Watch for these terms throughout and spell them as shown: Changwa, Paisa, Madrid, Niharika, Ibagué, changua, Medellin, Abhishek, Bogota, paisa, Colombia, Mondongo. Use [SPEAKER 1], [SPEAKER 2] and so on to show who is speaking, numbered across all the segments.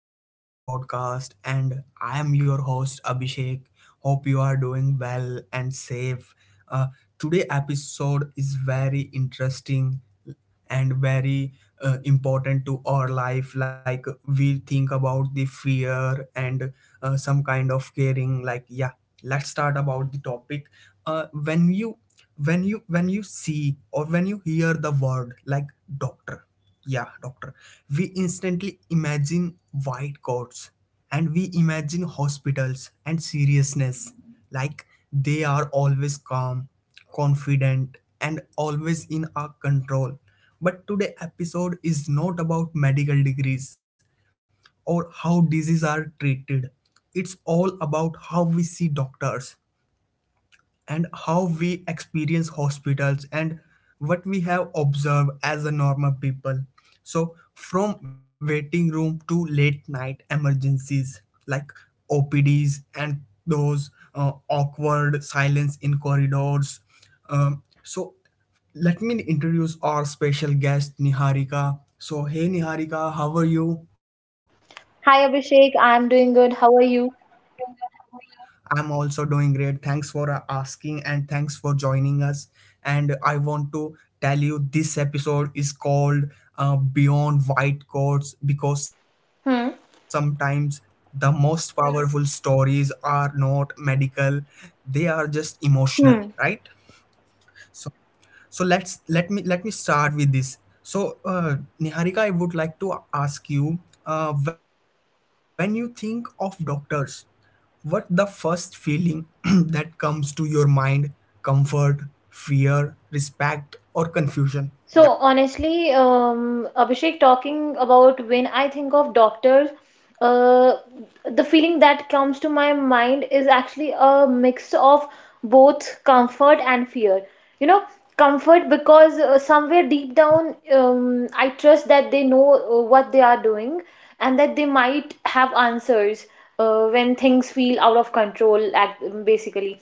[SPEAKER 1] back to our podcast. And I am your host, Abhishek. Hope you are doing well and safe. Uh, today episode is very interesting and very important to our life, like we think about the fear and some kind of caring, like, yeah, let's start about the topic. Uh, when you when you when you see or when you hear the word like doctor, yeah, doctor. We instantly imagine white coats, and we imagine hospitals and seriousness. Like, they are always calm, confident, and always in our control. But today episode is not about medical degrees or how diseases are treated. It's all about how we see doctors and how we experience hospitals and what we have observed as a normal people. So from waiting room to late night emergencies, like opds and those awkward silence in corridors. So let me introduce our special guest, Niharika. So, hey, Niharika, how are you?
[SPEAKER 2] Hi Abhishek, I'm doing good. How are you?
[SPEAKER 1] I'm also doing great. Thanks for asking, and thanks for joining us. And I want to tell you this episode is called Beyond White Coats, because
[SPEAKER 2] Hmm.
[SPEAKER 1] sometimes the most powerful stories are not medical, they are just
[SPEAKER 2] Hmm.
[SPEAKER 1] emotional, right? So, so let me start with this. So, Niharika, I would like to ask you, when you think of doctors, what the first feeling that comes to your mind? Comfort, fear, respect, or confusion?
[SPEAKER 2] So
[SPEAKER 1] Yeah.
[SPEAKER 2] honestly, Abhishek, talking about when I think of doctors, uh, the feeling that comes to my mind is actually a mix of both comfort and fear. You know, Comfort because somewhere deep down, I trust that they know what they are doing and that they might have answers. When things feel out of control act, basically.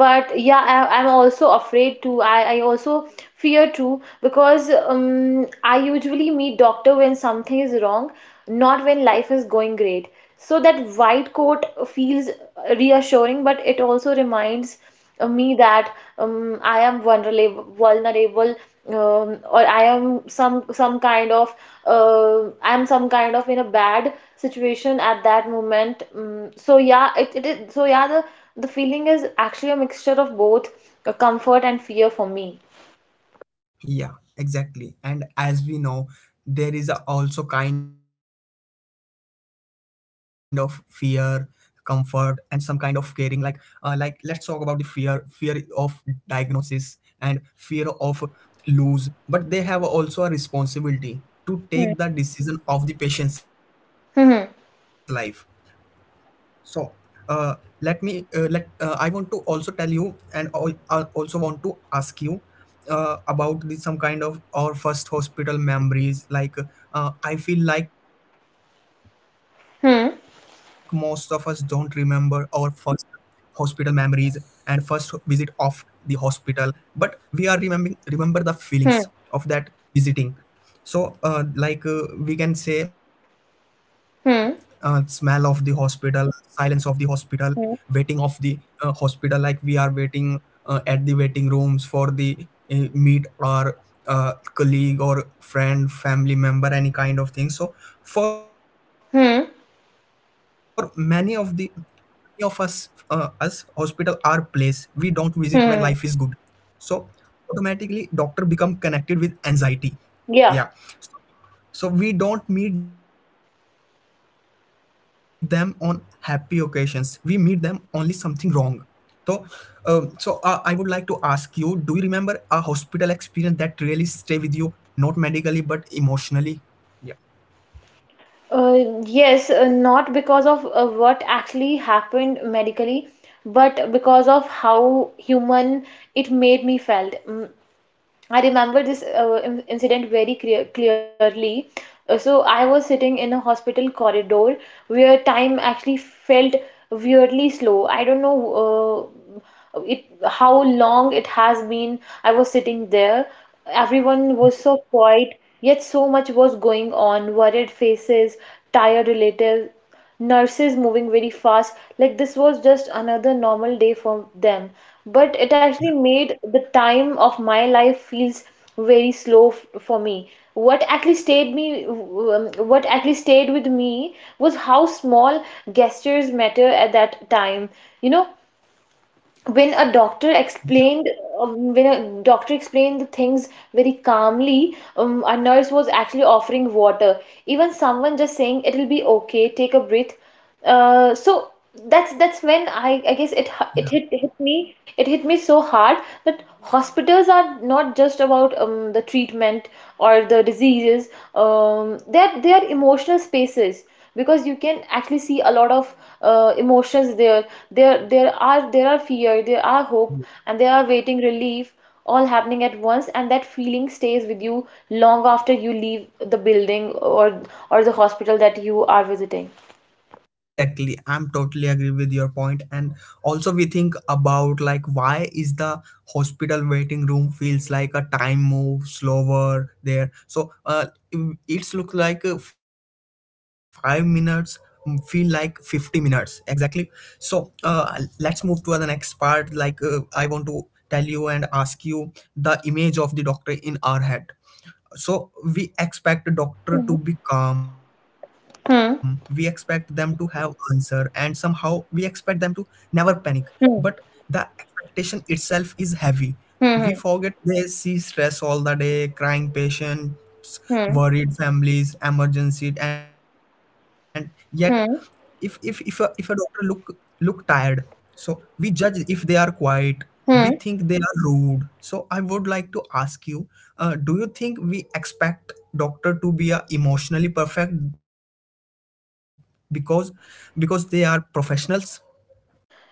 [SPEAKER 2] But yeah, I, I'm also afraid to I also fear too because I usually meet doctor when something is wrong, not when life is going great. So that white coat feels reassuring, but it also reminds me that I am vulnerable, or I am some kind of in a bad situation at that moment. So yeah, it is so yeah, the feeling is actually a mixture of both comfort and fear for me.
[SPEAKER 1] Yeah, exactly. And as we know, there is a also kind of fear, comfort, and some kind of caring, like, like, let's talk about the fear. Fear of diagnosis and fear of lose, but they have also a responsibility to take
[SPEAKER 2] Hmm.
[SPEAKER 1] the decision of the patient's life.
[SPEAKER 2] Hmm.
[SPEAKER 1] So, uh, let me let I want to also tell you, and I also want to ask you about the, some kind of our first hospital memories. Like, I feel like most of us don't remember our
[SPEAKER 2] Hmm.
[SPEAKER 1] first hospital memories and first visit of the hospital, but we are remember the feelings of
[SPEAKER 2] Hmm.
[SPEAKER 1] that visiting. So, like, we can say smell of the
[SPEAKER 2] Hmm.
[SPEAKER 1] hospital, silence of the hospital, waiting of
[SPEAKER 2] Hmm.
[SPEAKER 1] the hospital, like, we are waiting at the waiting rooms for the meet our colleague or friend, family member, any kind of thing. So for many of the
[SPEAKER 2] Hmm.
[SPEAKER 1] Many of us, uh, us hospital are place we don't visit when life is good. So
[SPEAKER 2] Hmm.
[SPEAKER 1] automatically doctor become connected with anxiety. Yeah.
[SPEAKER 2] Yeah.
[SPEAKER 1] So we don't meet them on happy occasions. We meet them only something wrong. So, so I would like to ask you: Do you remember a hospital experience that really stay with you, not medically but emotionally? Yeah.
[SPEAKER 2] Yes, not because of what actually happened medically, but because of how human it made me felt. I remember this incident very clearly. So I was sitting in a hospital corridor where time actually felt weirdly slow. I don't know uh, it how long it has been, I was sitting there. Everyone was so quiet, yet so much was going on. Worried faces, tired relatives, nurses moving very fast, like this was just another normal day for them. But it actually made the time of my life feels very slow for me. What actually stayed with me was how small gestures matter at that time. You know when a doctor explained, the things very calmly, a nurse was actually offering water, even someone just saying it'll be okay, take a breath. uh, so that's when I guess it hu-
[SPEAKER 1] Yeah,
[SPEAKER 2] it hit, hit me it hit me so hard, that hospitals are not just about the treatment or the diseases. They're emotional spaces because you can actually see a lot of emotions there. There are fear, there are hope, and there are waiting relief, all happening at once, and that feeling stays with you long after you leave the building, or the hospital that you are visiting.
[SPEAKER 1] exactly. I'm totally agree with your point. And also we think about, like, why is the hospital waiting room feels like a time move slower there? So it's look like 5 minutes mm, feel like 50 minutes. Exactly. So let's move to the next part. Like, I want to tell you and ask you the image of the doctor in our head. So we expect a doctor to be calm, we expect them to
[SPEAKER 2] Hmm.
[SPEAKER 1] have answer, and somehow we expect them to never panic. But
[SPEAKER 2] Hmm.
[SPEAKER 1] the expectation itself is heavy. We
[SPEAKER 2] Hmm.
[SPEAKER 1] forget they see stress all the day, crying patients,
[SPEAKER 2] Hmm.
[SPEAKER 1] worried families, emergency, and yet if
[SPEAKER 2] Hmm.
[SPEAKER 1] a doctor look tired, so we judge. If they are quiet, we think they are rude. So I would like to ask you, do you think we expect doctor to be a emotionally perfect because they are professionals?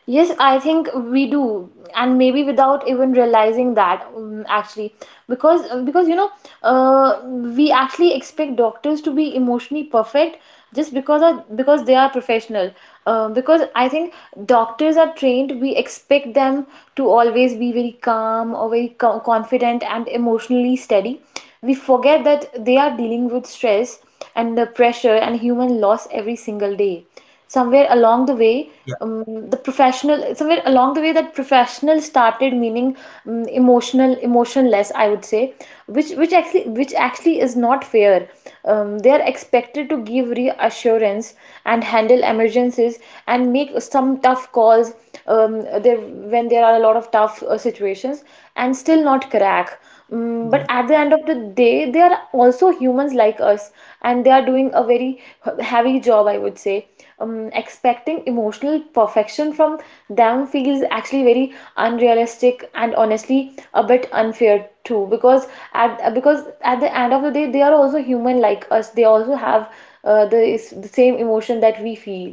[SPEAKER 2] Yes, I think we do, and maybe without even realizing that, actually, because uh, because you know, uh, we actually expect doctors to be emotionally perfect just because they are professional. Because I think doctors are trained, we expect them to always be very calm or very confident and emotionally steady. We forget that they are dealing with stress and the pressure and human loss every single day. Somewhere along the way
[SPEAKER 1] Yeah.
[SPEAKER 2] the professional Somewhere along the way, that professional started meaning emotional emotionless, I would say. Which actually is not fair. They are expected to give reassurance and handle emergencies and make some tough calls, there when there are a lot of tough situations, and still not crack. But
[SPEAKER 1] Yeah.
[SPEAKER 2] at the end of the day, they are also humans like us, and they are doing a very heavy job, I would say. Expecting emotional perfection from them feels actually very unrealistic and honestly a bit unfair too, because at the end of the day, they are also human like us. They also have the same emotion that we feel.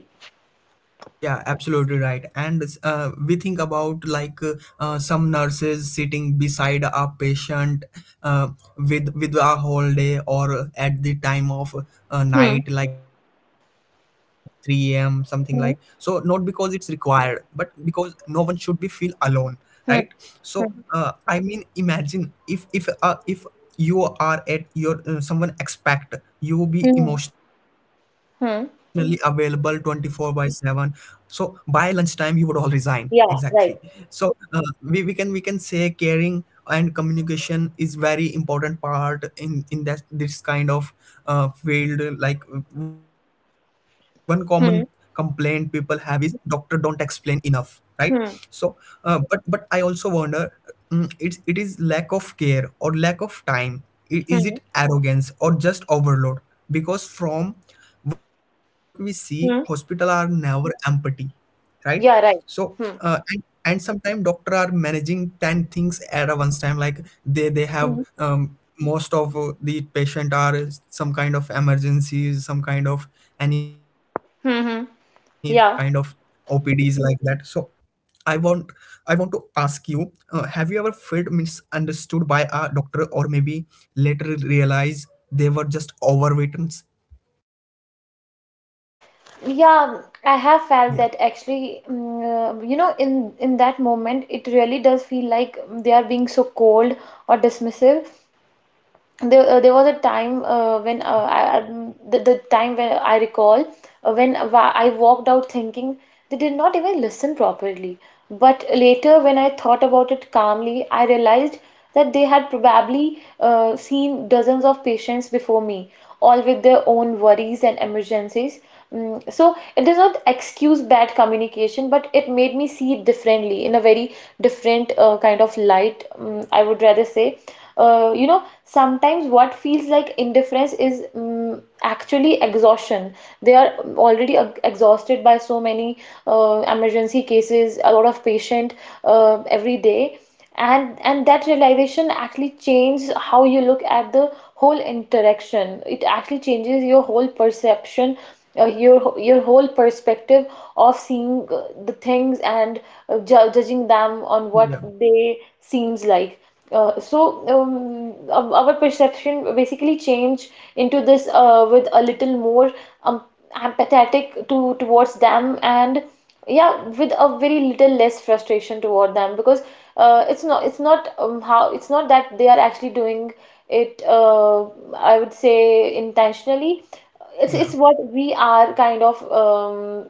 [SPEAKER 1] Yeah, absolutely right. And we think about, like, some nurses sitting beside a patient uh, with a whole day or at the time of
[SPEAKER 2] Hmm.
[SPEAKER 1] night, like 3 a.m. something like. So not because it's
[SPEAKER 2] Hmm.
[SPEAKER 1] required, but because no one should be feel alone, right?
[SPEAKER 2] Hmm.
[SPEAKER 1] So
[SPEAKER 2] Hmm.
[SPEAKER 1] I mean, imagine if you are at your someone expect you be
[SPEAKER 2] Hmm.
[SPEAKER 1] emotionally available
[SPEAKER 2] Hmm.
[SPEAKER 1] 24 by 7, so by lunchtime you would all resign. Exactly.
[SPEAKER 2] Yeah,
[SPEAKER 1] So
[SPEAKER 2] right.
[SPEAKER 1] we can say caring and communication is very important part in that, this kind of field. Like, one common complaint people
[SPEAKER 2] Hmm.
[SPEAKER 1] have is doctor don't explain enough, right? So
[SPEAKER 2] Hmm.
[SPEAKER 1] but I also wonder, mm, it's it is lack of care or lack of time? Is it
[SPEAKER 2] Hmm.
[SPEAKER 1] arrogance or just overload? Because from what we see, hospital are
[SPEAKER 2] Hmm.
[SPEAKER 1] never empty, right? So
[SPEAKER 2] Yeah, right.
[SPEAKER 1] uh, and,
[SPEAKER 2] Hmm.
[SPEAKER 1] and sometimes doctor are managing 10 things at a once time. Like, they have most of the patient are some kind of emergencies, some kind of any kind of
[SPEAKER 2] Mm-hmm.
[SPEAKER 1] opds like
[SPEAKER 2] Yeah.
[SPEAKER 1] that. So I want to ask you, have you ever felt misunderstood by a doctor or maybe later realize they were just overweight?
[SPEAKER 2] Yeah, I have felt
[SPEAKER 1] Yeah.
[SPEAKER 2] that actually. In that moment, it really does feel like they are being so cold or dismissive. There was a time when the time when I recall, I walked out thinking they did not even listen properly. But later, when I thought about it calmly, I realized that they had probably seen dozens of patients before me, all with their own worries and emergencies. So it does not excuse bad communication, but it made me see it differently, in a very different kind of light, I would rather say. Sometimes what feels like indifference is actually exhaustion. They are already exhausted by so many emergency cases, a lot of patient, every day. And that realization actually changes how you look at the whole interaction. It actually changes your whole perspective of seeing the things, and ju judging them on what
[SPEAKER 1] Yeah.
[SPEAKER 2] they seems like. Uh, so um, our perception basically change into this, with a little more um, empathetic to towards them, and yeah, with a very little less frustration toward them, because it's not that they are actually doing it, I would say, intentionally. It's what
[SPEAKER 1] Yeah.
[SPEAKER 2] we are kind of, um,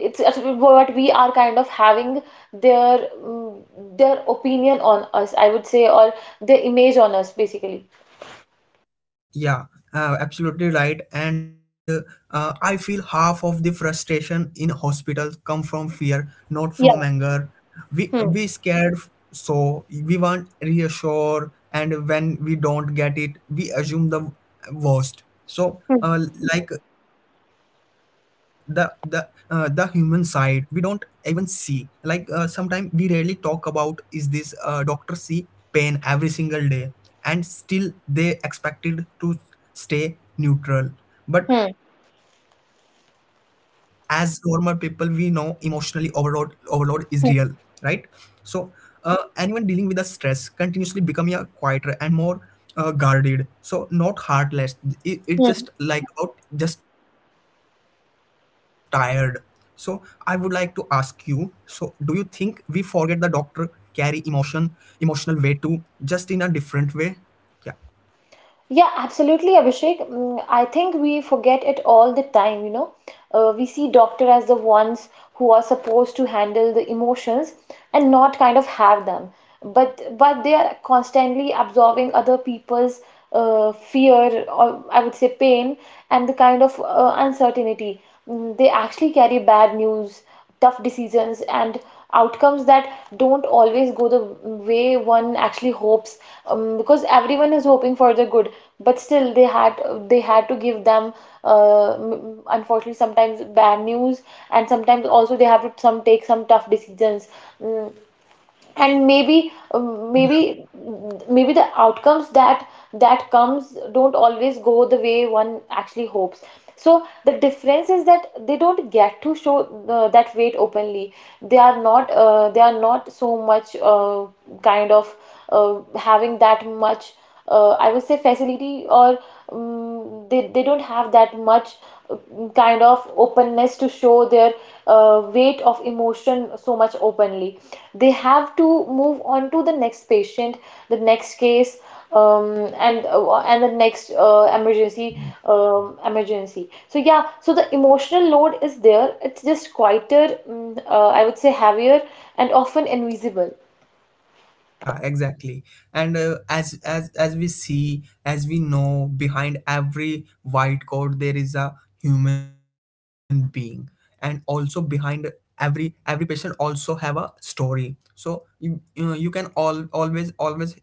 [SPEAKER 2] it's, it's what we are kind of having their opinion on us, I would say, or their image on us basically.
[SPEAKER 1] Yeah, absolutely right. And I feel half of the frustration in hospitals come from fear, not from
[SPEAKER 2] Yeah.
[SPEAKER 1] anger.
[SPEAKER 2] Hmm.
[SPEAKER 1] We scared, so we want reassure, and when we don't get it, we assume the worst. So,
[SPEAKER 2] Hmm.
[SPEAKER 1] like, the the human side, we don't even see. Like, sometimes we rarely talk about is this doctor see pain every single day, and still they expected to stay neutral. But
[SPEAKER 2] Hmm.
[SPEAKER 1] as normal people, we know emotionally overload is real, right?
[SPEAKER 2] Hmm.
[SPEAKER 1] So anyone dealing with the stress continuously becoming a quieter and more guarded. So not heartless, it's just
[SPEAKER 2] Hmm.
[SPEAKER 1] like about just tired. So I would like to ask you, so do you think we forget the doctor carry emotion, emotional weight too, just in a different way? Yeah.
[SPEAKER 2] Yeah, absolutely, Abhishek. I think we forget it all the time. We see doctor as the ones who are supposed to handle the emotions, and not kind of have them. But they are constantly absorbing other people's fear, or I would say pain, and the kind of uncertainty. They actually carry bad news, tough decisions, and outcomes that don't always go the way one actually hopes. Because everyone is hoping for the good, but still they had to give them, unfortunately, sometimes bad news, and sometimes also they have to some take some tough decisions. Mm, and maybe uh,
[SPEAKER 1] Yeah.
[SPEAKER 2] maybe maybe the outcomes that comes don't always go the way one actually hopes. So the difference is that they don't get to show that weight openly. They are not so much kind of having that much, I would say, facility, or um, they don't have that much uh, kind of openness to show their weight of emotion so much openly. They have to move on to the next patient, the next case, and the next emergency. So yeah, so the emotional load is there. It's just quieter, I would say, heavier, and often invisible.
[SPEAKER 1] Yeah, exactly. And as we see, as we know, behind every white coat there is a human being. And also behind every patient also have a story. So you, you can all always always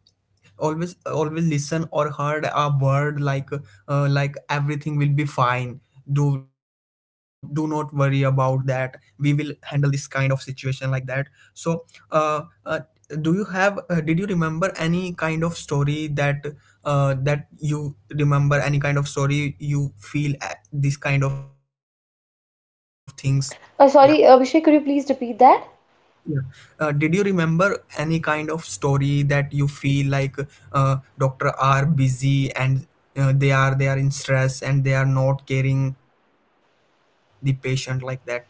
[SPEAKER 1] always always listen or heard a word like, like, everything will be fine, do not worry about that, we will handle this kind of situation like that. So uh, uh, do you have did you remember any kind of story that you feel these kind of things? Yeah.
[SPEAKER 2] Sorry Abhishek, could you please repeat that?
[SPEAKER 1] Yeah. Did you remember any kind of story that you feel like doctor are busy and they are in stress and they are not caring the patient like that? Yeah.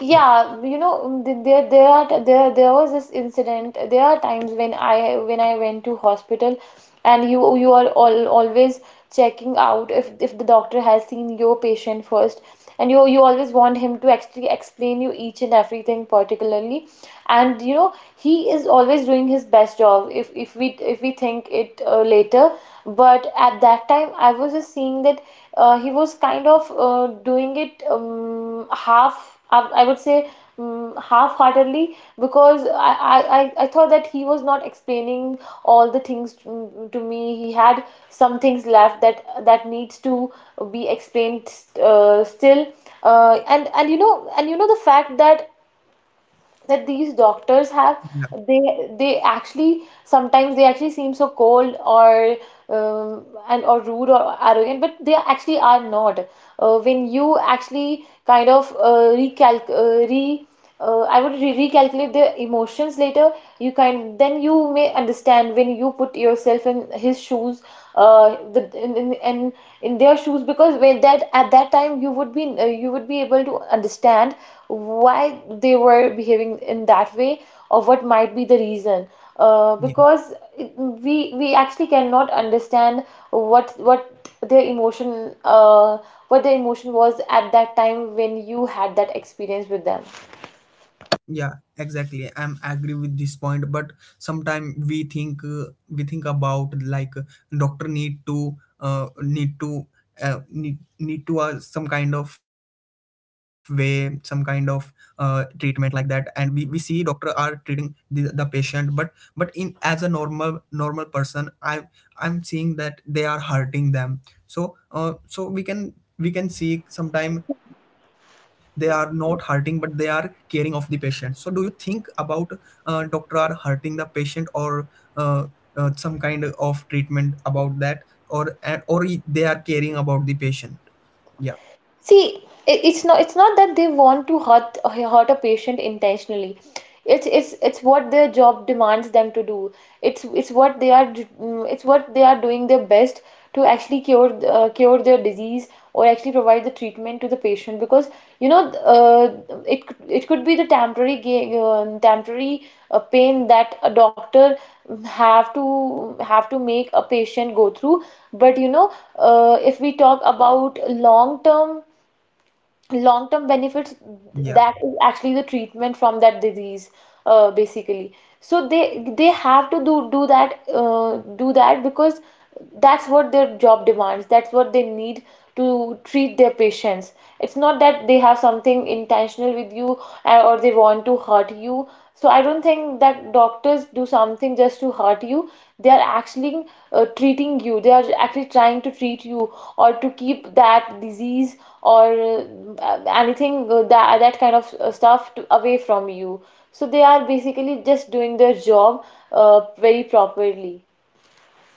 [SPEAKER 2] Yeah, there was this incident. There are times when I went to hospital, and you are all always checking out if the doctor has seen your patient first, and you always want him to actually explain you each and everything particularly, and you know he is always doing his best job if we think it later. But at that time I was just seeing that he was kind of doing it, I would say, half-heartedly, because I thought that he was not explaining all the things to me. He had some things left that needs to be explained still. And the fact that these doctors have,
[SPEAKER 1] Yeah.
[SPEAKER 2] they they actually sometimes they actually seem so cold, or rude or arrogant, but they actually are not, when you actually kind of recalc re I would re recalculate the emotions later. You can then you may understand, when you put yourself in his shoes, the in their shoes, because when that at that time you would be able to understand why they were behaving in that way, or what might be the reason. Because we actually cannot understand what what their emotion uh, what their emotion was at that time when you had that experience with them.
[SPEAKER 1] Yeah, exactly. I'm agree with this point. But sometimes we think, we think about, like, doctor need to some kind of way, some kind of treatment like that. And we see doctor are treating the patient, but in as a normal person, I'm seeing that they are hurting them. So we can see sometime they are not hurting, but they are caring of the patient. So do you think about doctor are hurting the patient or uh, some kind of treatment about that, or or they are caring about the patient? Yeah.
[SPEAKER 2] See, it's not that they want to hurt a patient intentionally. It's what their job demands them to do. It's what they are doing their best to actually cure their disease, or actually provide the treatment to the patient, because you know uh, it could be the temporary pain that a doctor have to have to make a patient go through. But if we talk about long term long-term benefits
[SPEAKER 1] Yeah.
[SPEAKER 2] that is actually the treatment from that disease. Basically, so they have to do that, do that because that's what their job demands, that's what they need to treat their patients. It's not that they have something intentional with you, or they want to hurt you. So I don't think that doctors do something just to hurt you. They are actually treating you. They are actually trying to treat you or to keep that disease or anything, that kind of stuff, away from you. So they are basically just doing their job very properly.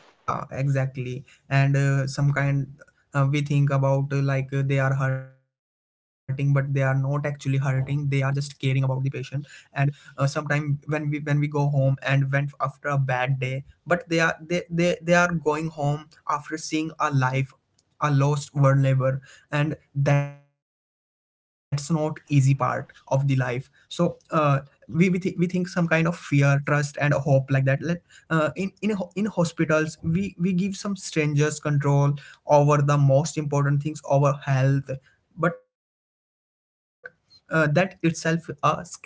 [SPEAKER 1] Yeah, exactly. And some kind, we think about, like, they are hurting, but they are not actually hurting. They are just caring about the patient. And sometime when we go home and went after a bad day, but they are they are going home after seeing a life, a lost world labor, and that's not easy part of the life. So we think some kind of fear, trust, and hope like that. Let, in ho- in hospitals, we give some strangers control over the most important things, over health. But that itself are scary. So, and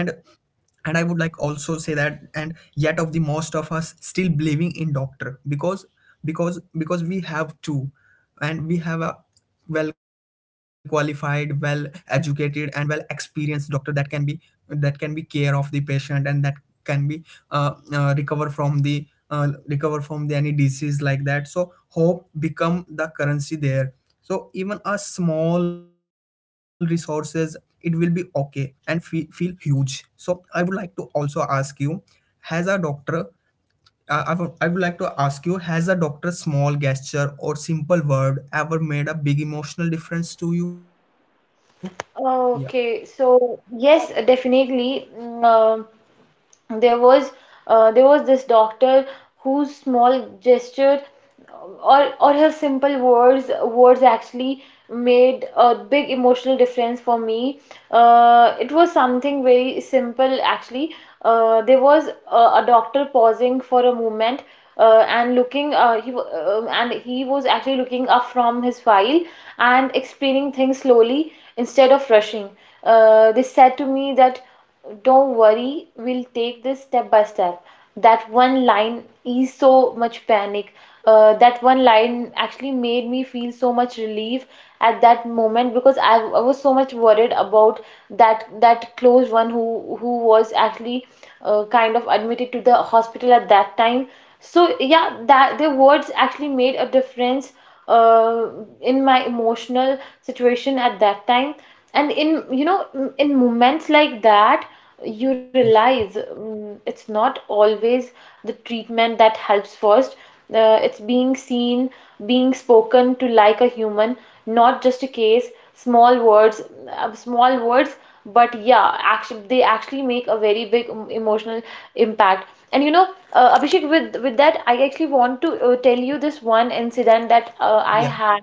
[SPEAKER 1] I would like also say that, and yet of the most of us still believing in doctor because we have to. And we have a well qualified, well educated, and well experienced doctor that can be care of the patient, and that can be recover from the any disease like that. So hope become the currency there. So even a small resources, it will be okay and feel huge. So I would like to also ask you, has a doctor I would like to ask you, has a doctor's small gesture or simple word ever made a big emotional difference to you? Yeah,
[SPEAKER 2] Okay, so yes, definitely. There was there was this doctor whose small gesture or her simple words actually made a big emotional difference for me. It was something very simple, actually. There was a doctor pausing for a moment, and he was actually looking up from his file and explaining things slowly instead of rushing. They said to me that, "Don't worry, we'll take this step by step." That one line is so much panic. That one line actually made me feel so much relief at that moment, because I was so much worried about that close one who was actually kind of admitted to the hospital at that time. So yeah, that the words actually made a difference uh, in my emotional situation at that time. And in, you know, in moments like that you
[SPEAKER 1] yeah,
[SPEAKER 2] realize, it's not always the treatment that helps first. It's being seen, being spoken to like a human, not just a case. Small words, small words, but yeah, actually they actually make a very big emotional impact. And you know, Abhishek, with that I actually want to tell you this one incident that I
[SPEAKER 1] yeah,
[SPEAKER 2] had,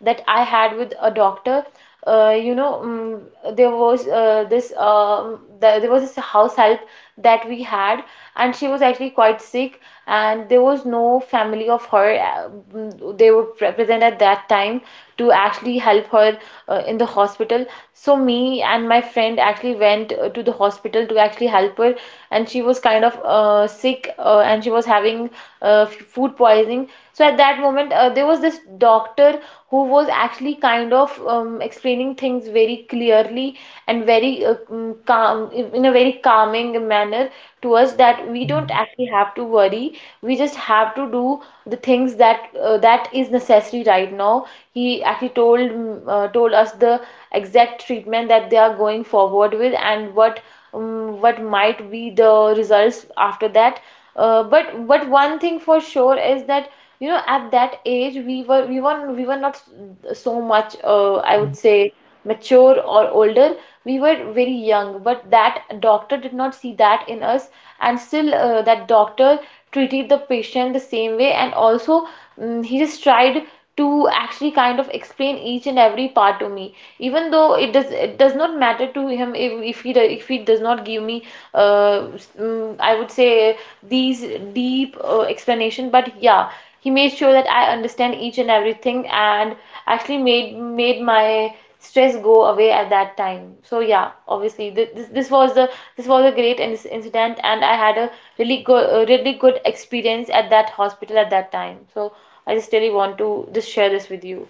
[SPEAKER 2] that I had with a doctor. You know, there was this there there was this house help that we had, and she was actually quite sick, and there was no family of her. They were present at that time to actually help her in the hospital. So me and my friend actually went to the hospital to actually help her, and she was kind of sick, and she was having uh, f- food poisoning. So at that moment, there was this doctor who was actually kind of explaining things very clearly and very calm, in a very calming manner, to us that we don't actually have to worry. We just have to do the things that that is necessary right now. He actually told told us the exact treatment that they are going forward with and what might be the results after that. But one thing for sure is that, you know, at that age we were we were not so much, I would
[SPEAKER 1] yeah,
[SPEAKER 2] say, mature or older. We were very young, but that doctor did not see that in us, and still that doctor treated the patient the same way, and also he just tried to actually kind of explain each and every part to me, even though it does, it does not matter to him if he do, if he does not give me uh, I would say these deep explanation. But yeah, he made sure that I understand each and everything, and actually made my stress go away at that time. So yeah, obviously th this this was the, this was a great in incident, and I had a really good, really good experience at that hospital at that time. So I just really want to just share this with you.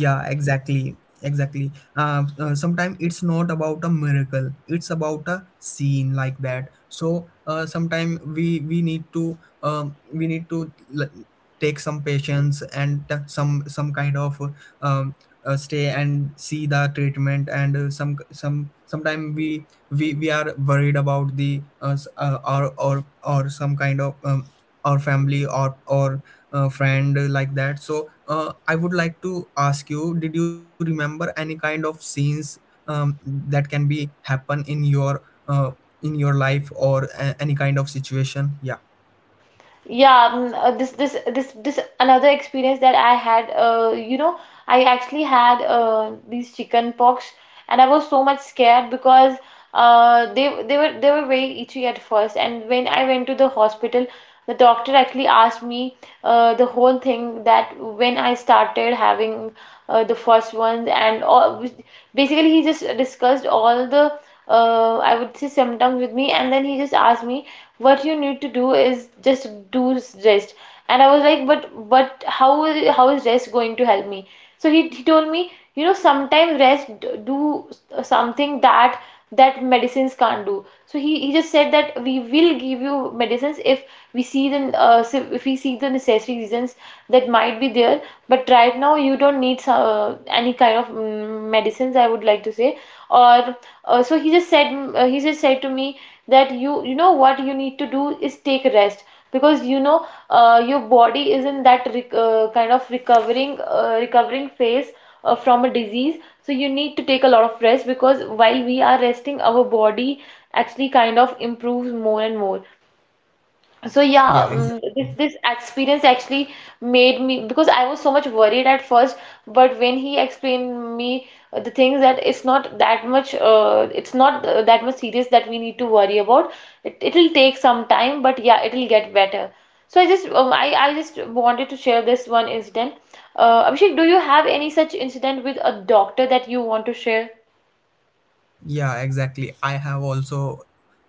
[SPEAKER 1] Yeah, exactly, exactly. Sometimes it's not about a miracle; it's about a scene like that. So sometimes we need to we need to l- take some patience and some kind of um, stay and see the treatment and sometimes we are worried about the or some kind of or family or friend like that. So I would like to ask you, did you remember any kind of scenes that can be happen uh, in your life or any kind of situation? Yeah,
[SPEAKER 2] Yeah, this another experience that I had. You know, I actually had these chicken pox, and I was so much scared because they were they were very itchy at first. And when I went to the hospital, the doctor actually asked me the whole thing, that when I started having the first ones, and all, basically he just discussed all the I would say symptoms with me, and then he just asked me, "What you need to do is just do rest." And I was like, but how is, how is rest going to help me?" So he told me, "You know, sometimes rest do something that that medicines can't do." So he just said that we will give you medicines if we see the if we see the necessary reasons that might be there, but right now you don't need some, any kind of medicines, I would like to say. Or so he just said, he just said to me that, you know, what you need to do is take rest, because you know your body is in that rec kind of recovering, recovering phase from a disease. So you need to take a lot of rest, because while we are resting, our body actually kind of improves more and more. So yeah,
[SPEAKER 1] yeah,
[SPEAKER 2] this this experience actually made me, because I was so much worried at first, but when he explained me the things that it's not that much, it's not that much serious that we need to worry about. It it'll take some time, but yeah, it'll get better. So I just wanted to share this one incident. Abhishek, do you have any such incident with a doctor that you want to share?
[SPEAKER 1] yeah, exactly, I have also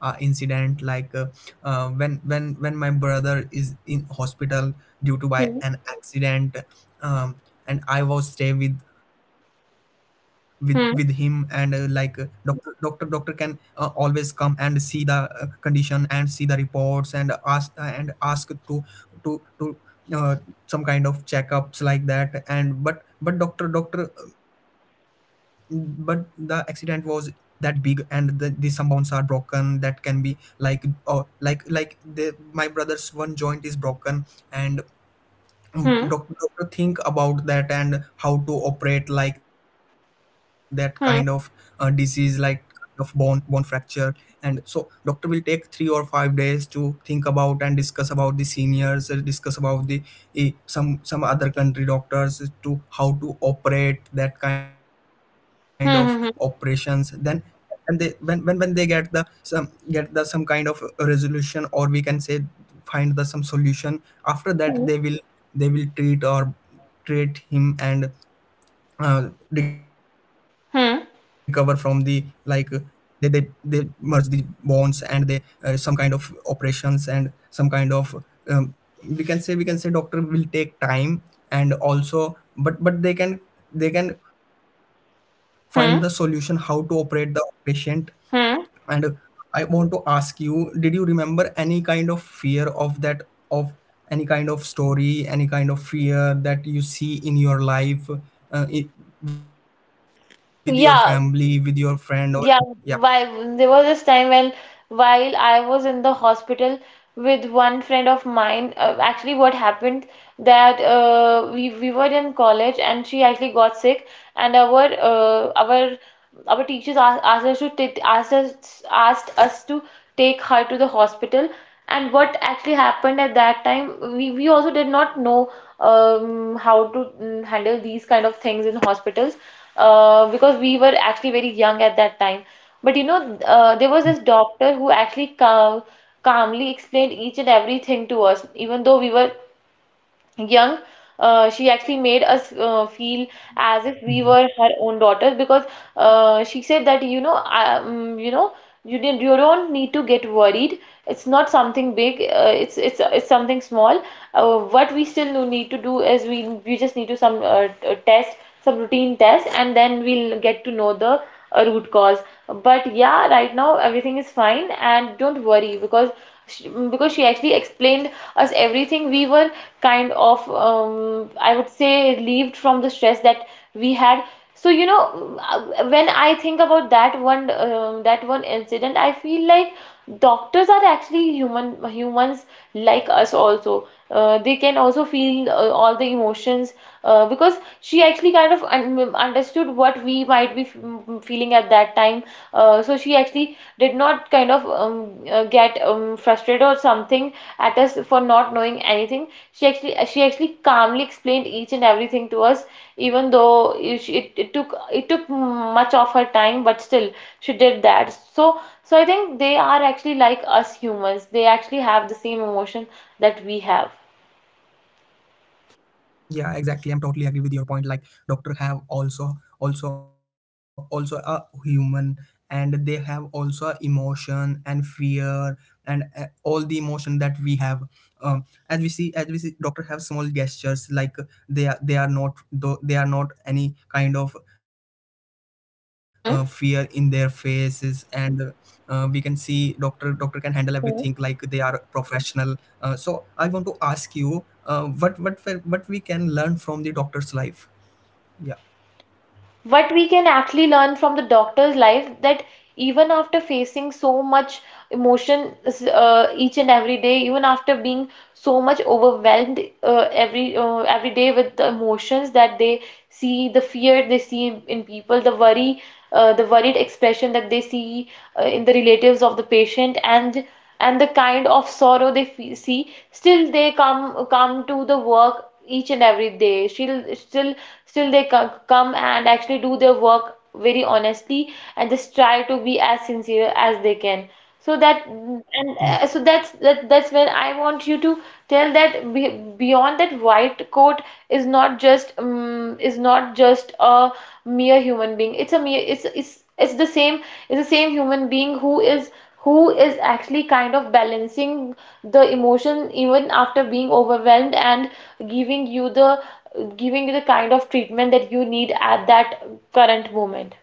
[SPEAKER 1] incident like when when my brother is in hospital due to by
[SPEAKER 2] Hmm.
[SPEAKER 1] an accident. um, and I was stay with with him, and like
[SPEAKER 2] Hmm.
[SPEAKER 1] doctor can always come and see the condition and see the reports, and ask to to to uh, some kind of checkups like that. And but doctor, but the accident was that big, and the some bones are broken that can be like, oh, like the my brother's one joint is broken, and
[SPEAKER 2] Hmm.
[SPEAKER 1] doctor think about that and how to operate like that kind of disease,
[SPEAKER 2] Hmm.
[SPEAKER 1] like kind of bone fracture. And so doctor will take 3 or 5 days to think about and discuss about the seniors, discuss about the some other country doctors to how to operate that kind of operations.
[SPEAKER 2] Hmm.
[SPEAKER 1] Then, and they, when when they get the some, get the some kind of resolution, or we can say find the some solution, after
[SPEAKER 2] Hmm. Hmm.
[SPEAKER 1] that they will treat or treat him, and recover from the, like
[SPEAKER 2] Hmm.
[SPEAKER 1] they they they merge the bonds, and they some kind of operations and some kind of um, we can say, doctor will take time, and also, but they can find the solution how to
[SPEAKER 2] Hmm.
[SPEAKER 1] operate the patient. And
[SPEAKER 2] Hmm.
[SPEAKER 1] I want to ask you, did you remember any kind of fear of that, of any kind of story, any kind of fear that you see in your life, I with your family,
[SPEAKER 2] Yeah.
[SPEAKER 1] with your friend, or...
[SPEAKER 2] Yeah,
[SPEAKER 1] Yeah,
[SPEAKER 2] why, there was this time when, while I was in the hospital with one friend of mine, actually what happened that we were in college and she actually got sick, and our our teachers asked us to take her to the hospital. And what actually happened at that time, we also did not know how to handle these kind of things in hospitals, because we were actually very young at that time. But you know, there was this doctor who actually calmly explained each and everything to us. Even though we were young, she actually made us feel as if we were her own daughters, because she said that, you know, you know, you don't need to get worried, it's not something big, it's something small. What we still need to do is we just need to some test, some routine test, and then we'll get to know the root cause. But yeah, right now everything is fine, and don't worry. Because because she actually explained us everything, we were kind of I would say relieved from the stress that we had. So you know, when I think about that one, that one incident, I feel like doctors are actually humans like us also. They can also feel all the emotions, because she actually kind of understood what we might be feeling at that time. So she actually did not kind of get frustrated or something at us for not knowing anything. She actually calmly explained each and everything to us, even though it, it took, it took much of her time. But still she did that. So so I think they are actually like us humans, they actually have the same emotion that we have.
[SPEAKER 1] yeah, exactly, I'm totally agree with your point, like doctor have also a human, and they have also emotion and fear, and all the emotion that we have. um as we see doctor have small gestures, like they are not, though they are not any kind of fear in
[SPEAKER 2] Hmm.
[SPEAKER 1] their faces. And we can see, doctor can handle everything, like they are professional. So I want to ask you, what we can learn from the doctor's life? Yeah,
[SPEAKER 2] What we can actually learn from the doctor's life that, even after facing so much emotion each and every day, even after being so much overwhelmed every day with the emotions that they see, the fear they see in people, the worry, the worried expression that they see in the relatives of the patient, and the kind of sorrow they fe see. Still they come to the work each and every day. Still, still they come and actually do their work very honestly, and just try to be as sincere as they can. So that, and so that's that, that's when I want you to tell that, be, beyond that white coat is not just a mere human being. It's a mere, it's the same, it's the same human being who is, who is actually kind of balancing the emotion even after being overwhelmed, and giving you the, giving you the kind of treatment that you need at that current moment.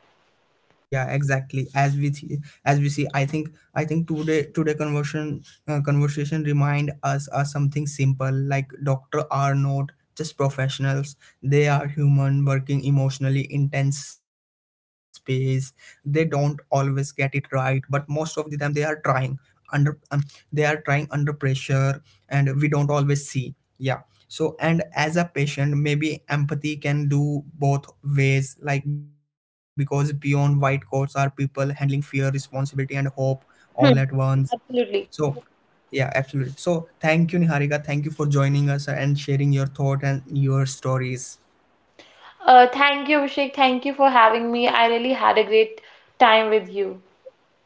[SPEAKER 1] yeah, exactly. As as we see, I think I think today today conversion conversation remind us are something simple, like doctor are not just professionals. They are human working emotionally intense space. They don't always get it right, but most of the them they are trying under pressure and we don't always see. Yeah. So, and as a patient, maybe empathy can do both ways, like because beyond white coats are people handling fear, responsibility, and hope all at
[SPEAKER 2] Hmm.
[SPEAKER 1] once.
[SPEAKER 2] Absolutely.
[SPEAKER 1] So, yeah, absolutely. So thank you, Niharika, thank you for joining us and sharing your thought and your stories.
[SPEAKER 2] Thank you, Abhishek. Thank you for having me. I really had a great time with you.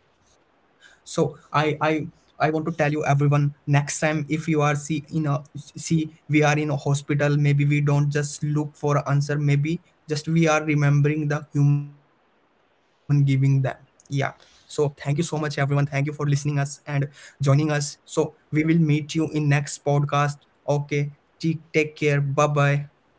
[SPEAKER 1] So I want to tell you everyone, next time if you are see in a, see we are in a hospital, maybe we don't just look for answer, maybe just we are remembering the human, giving them. Yeah. So thank you so much, everyone. Thank you for listening us and joining us, so we will meet you in next podcast. Okay. Take care. Bye bye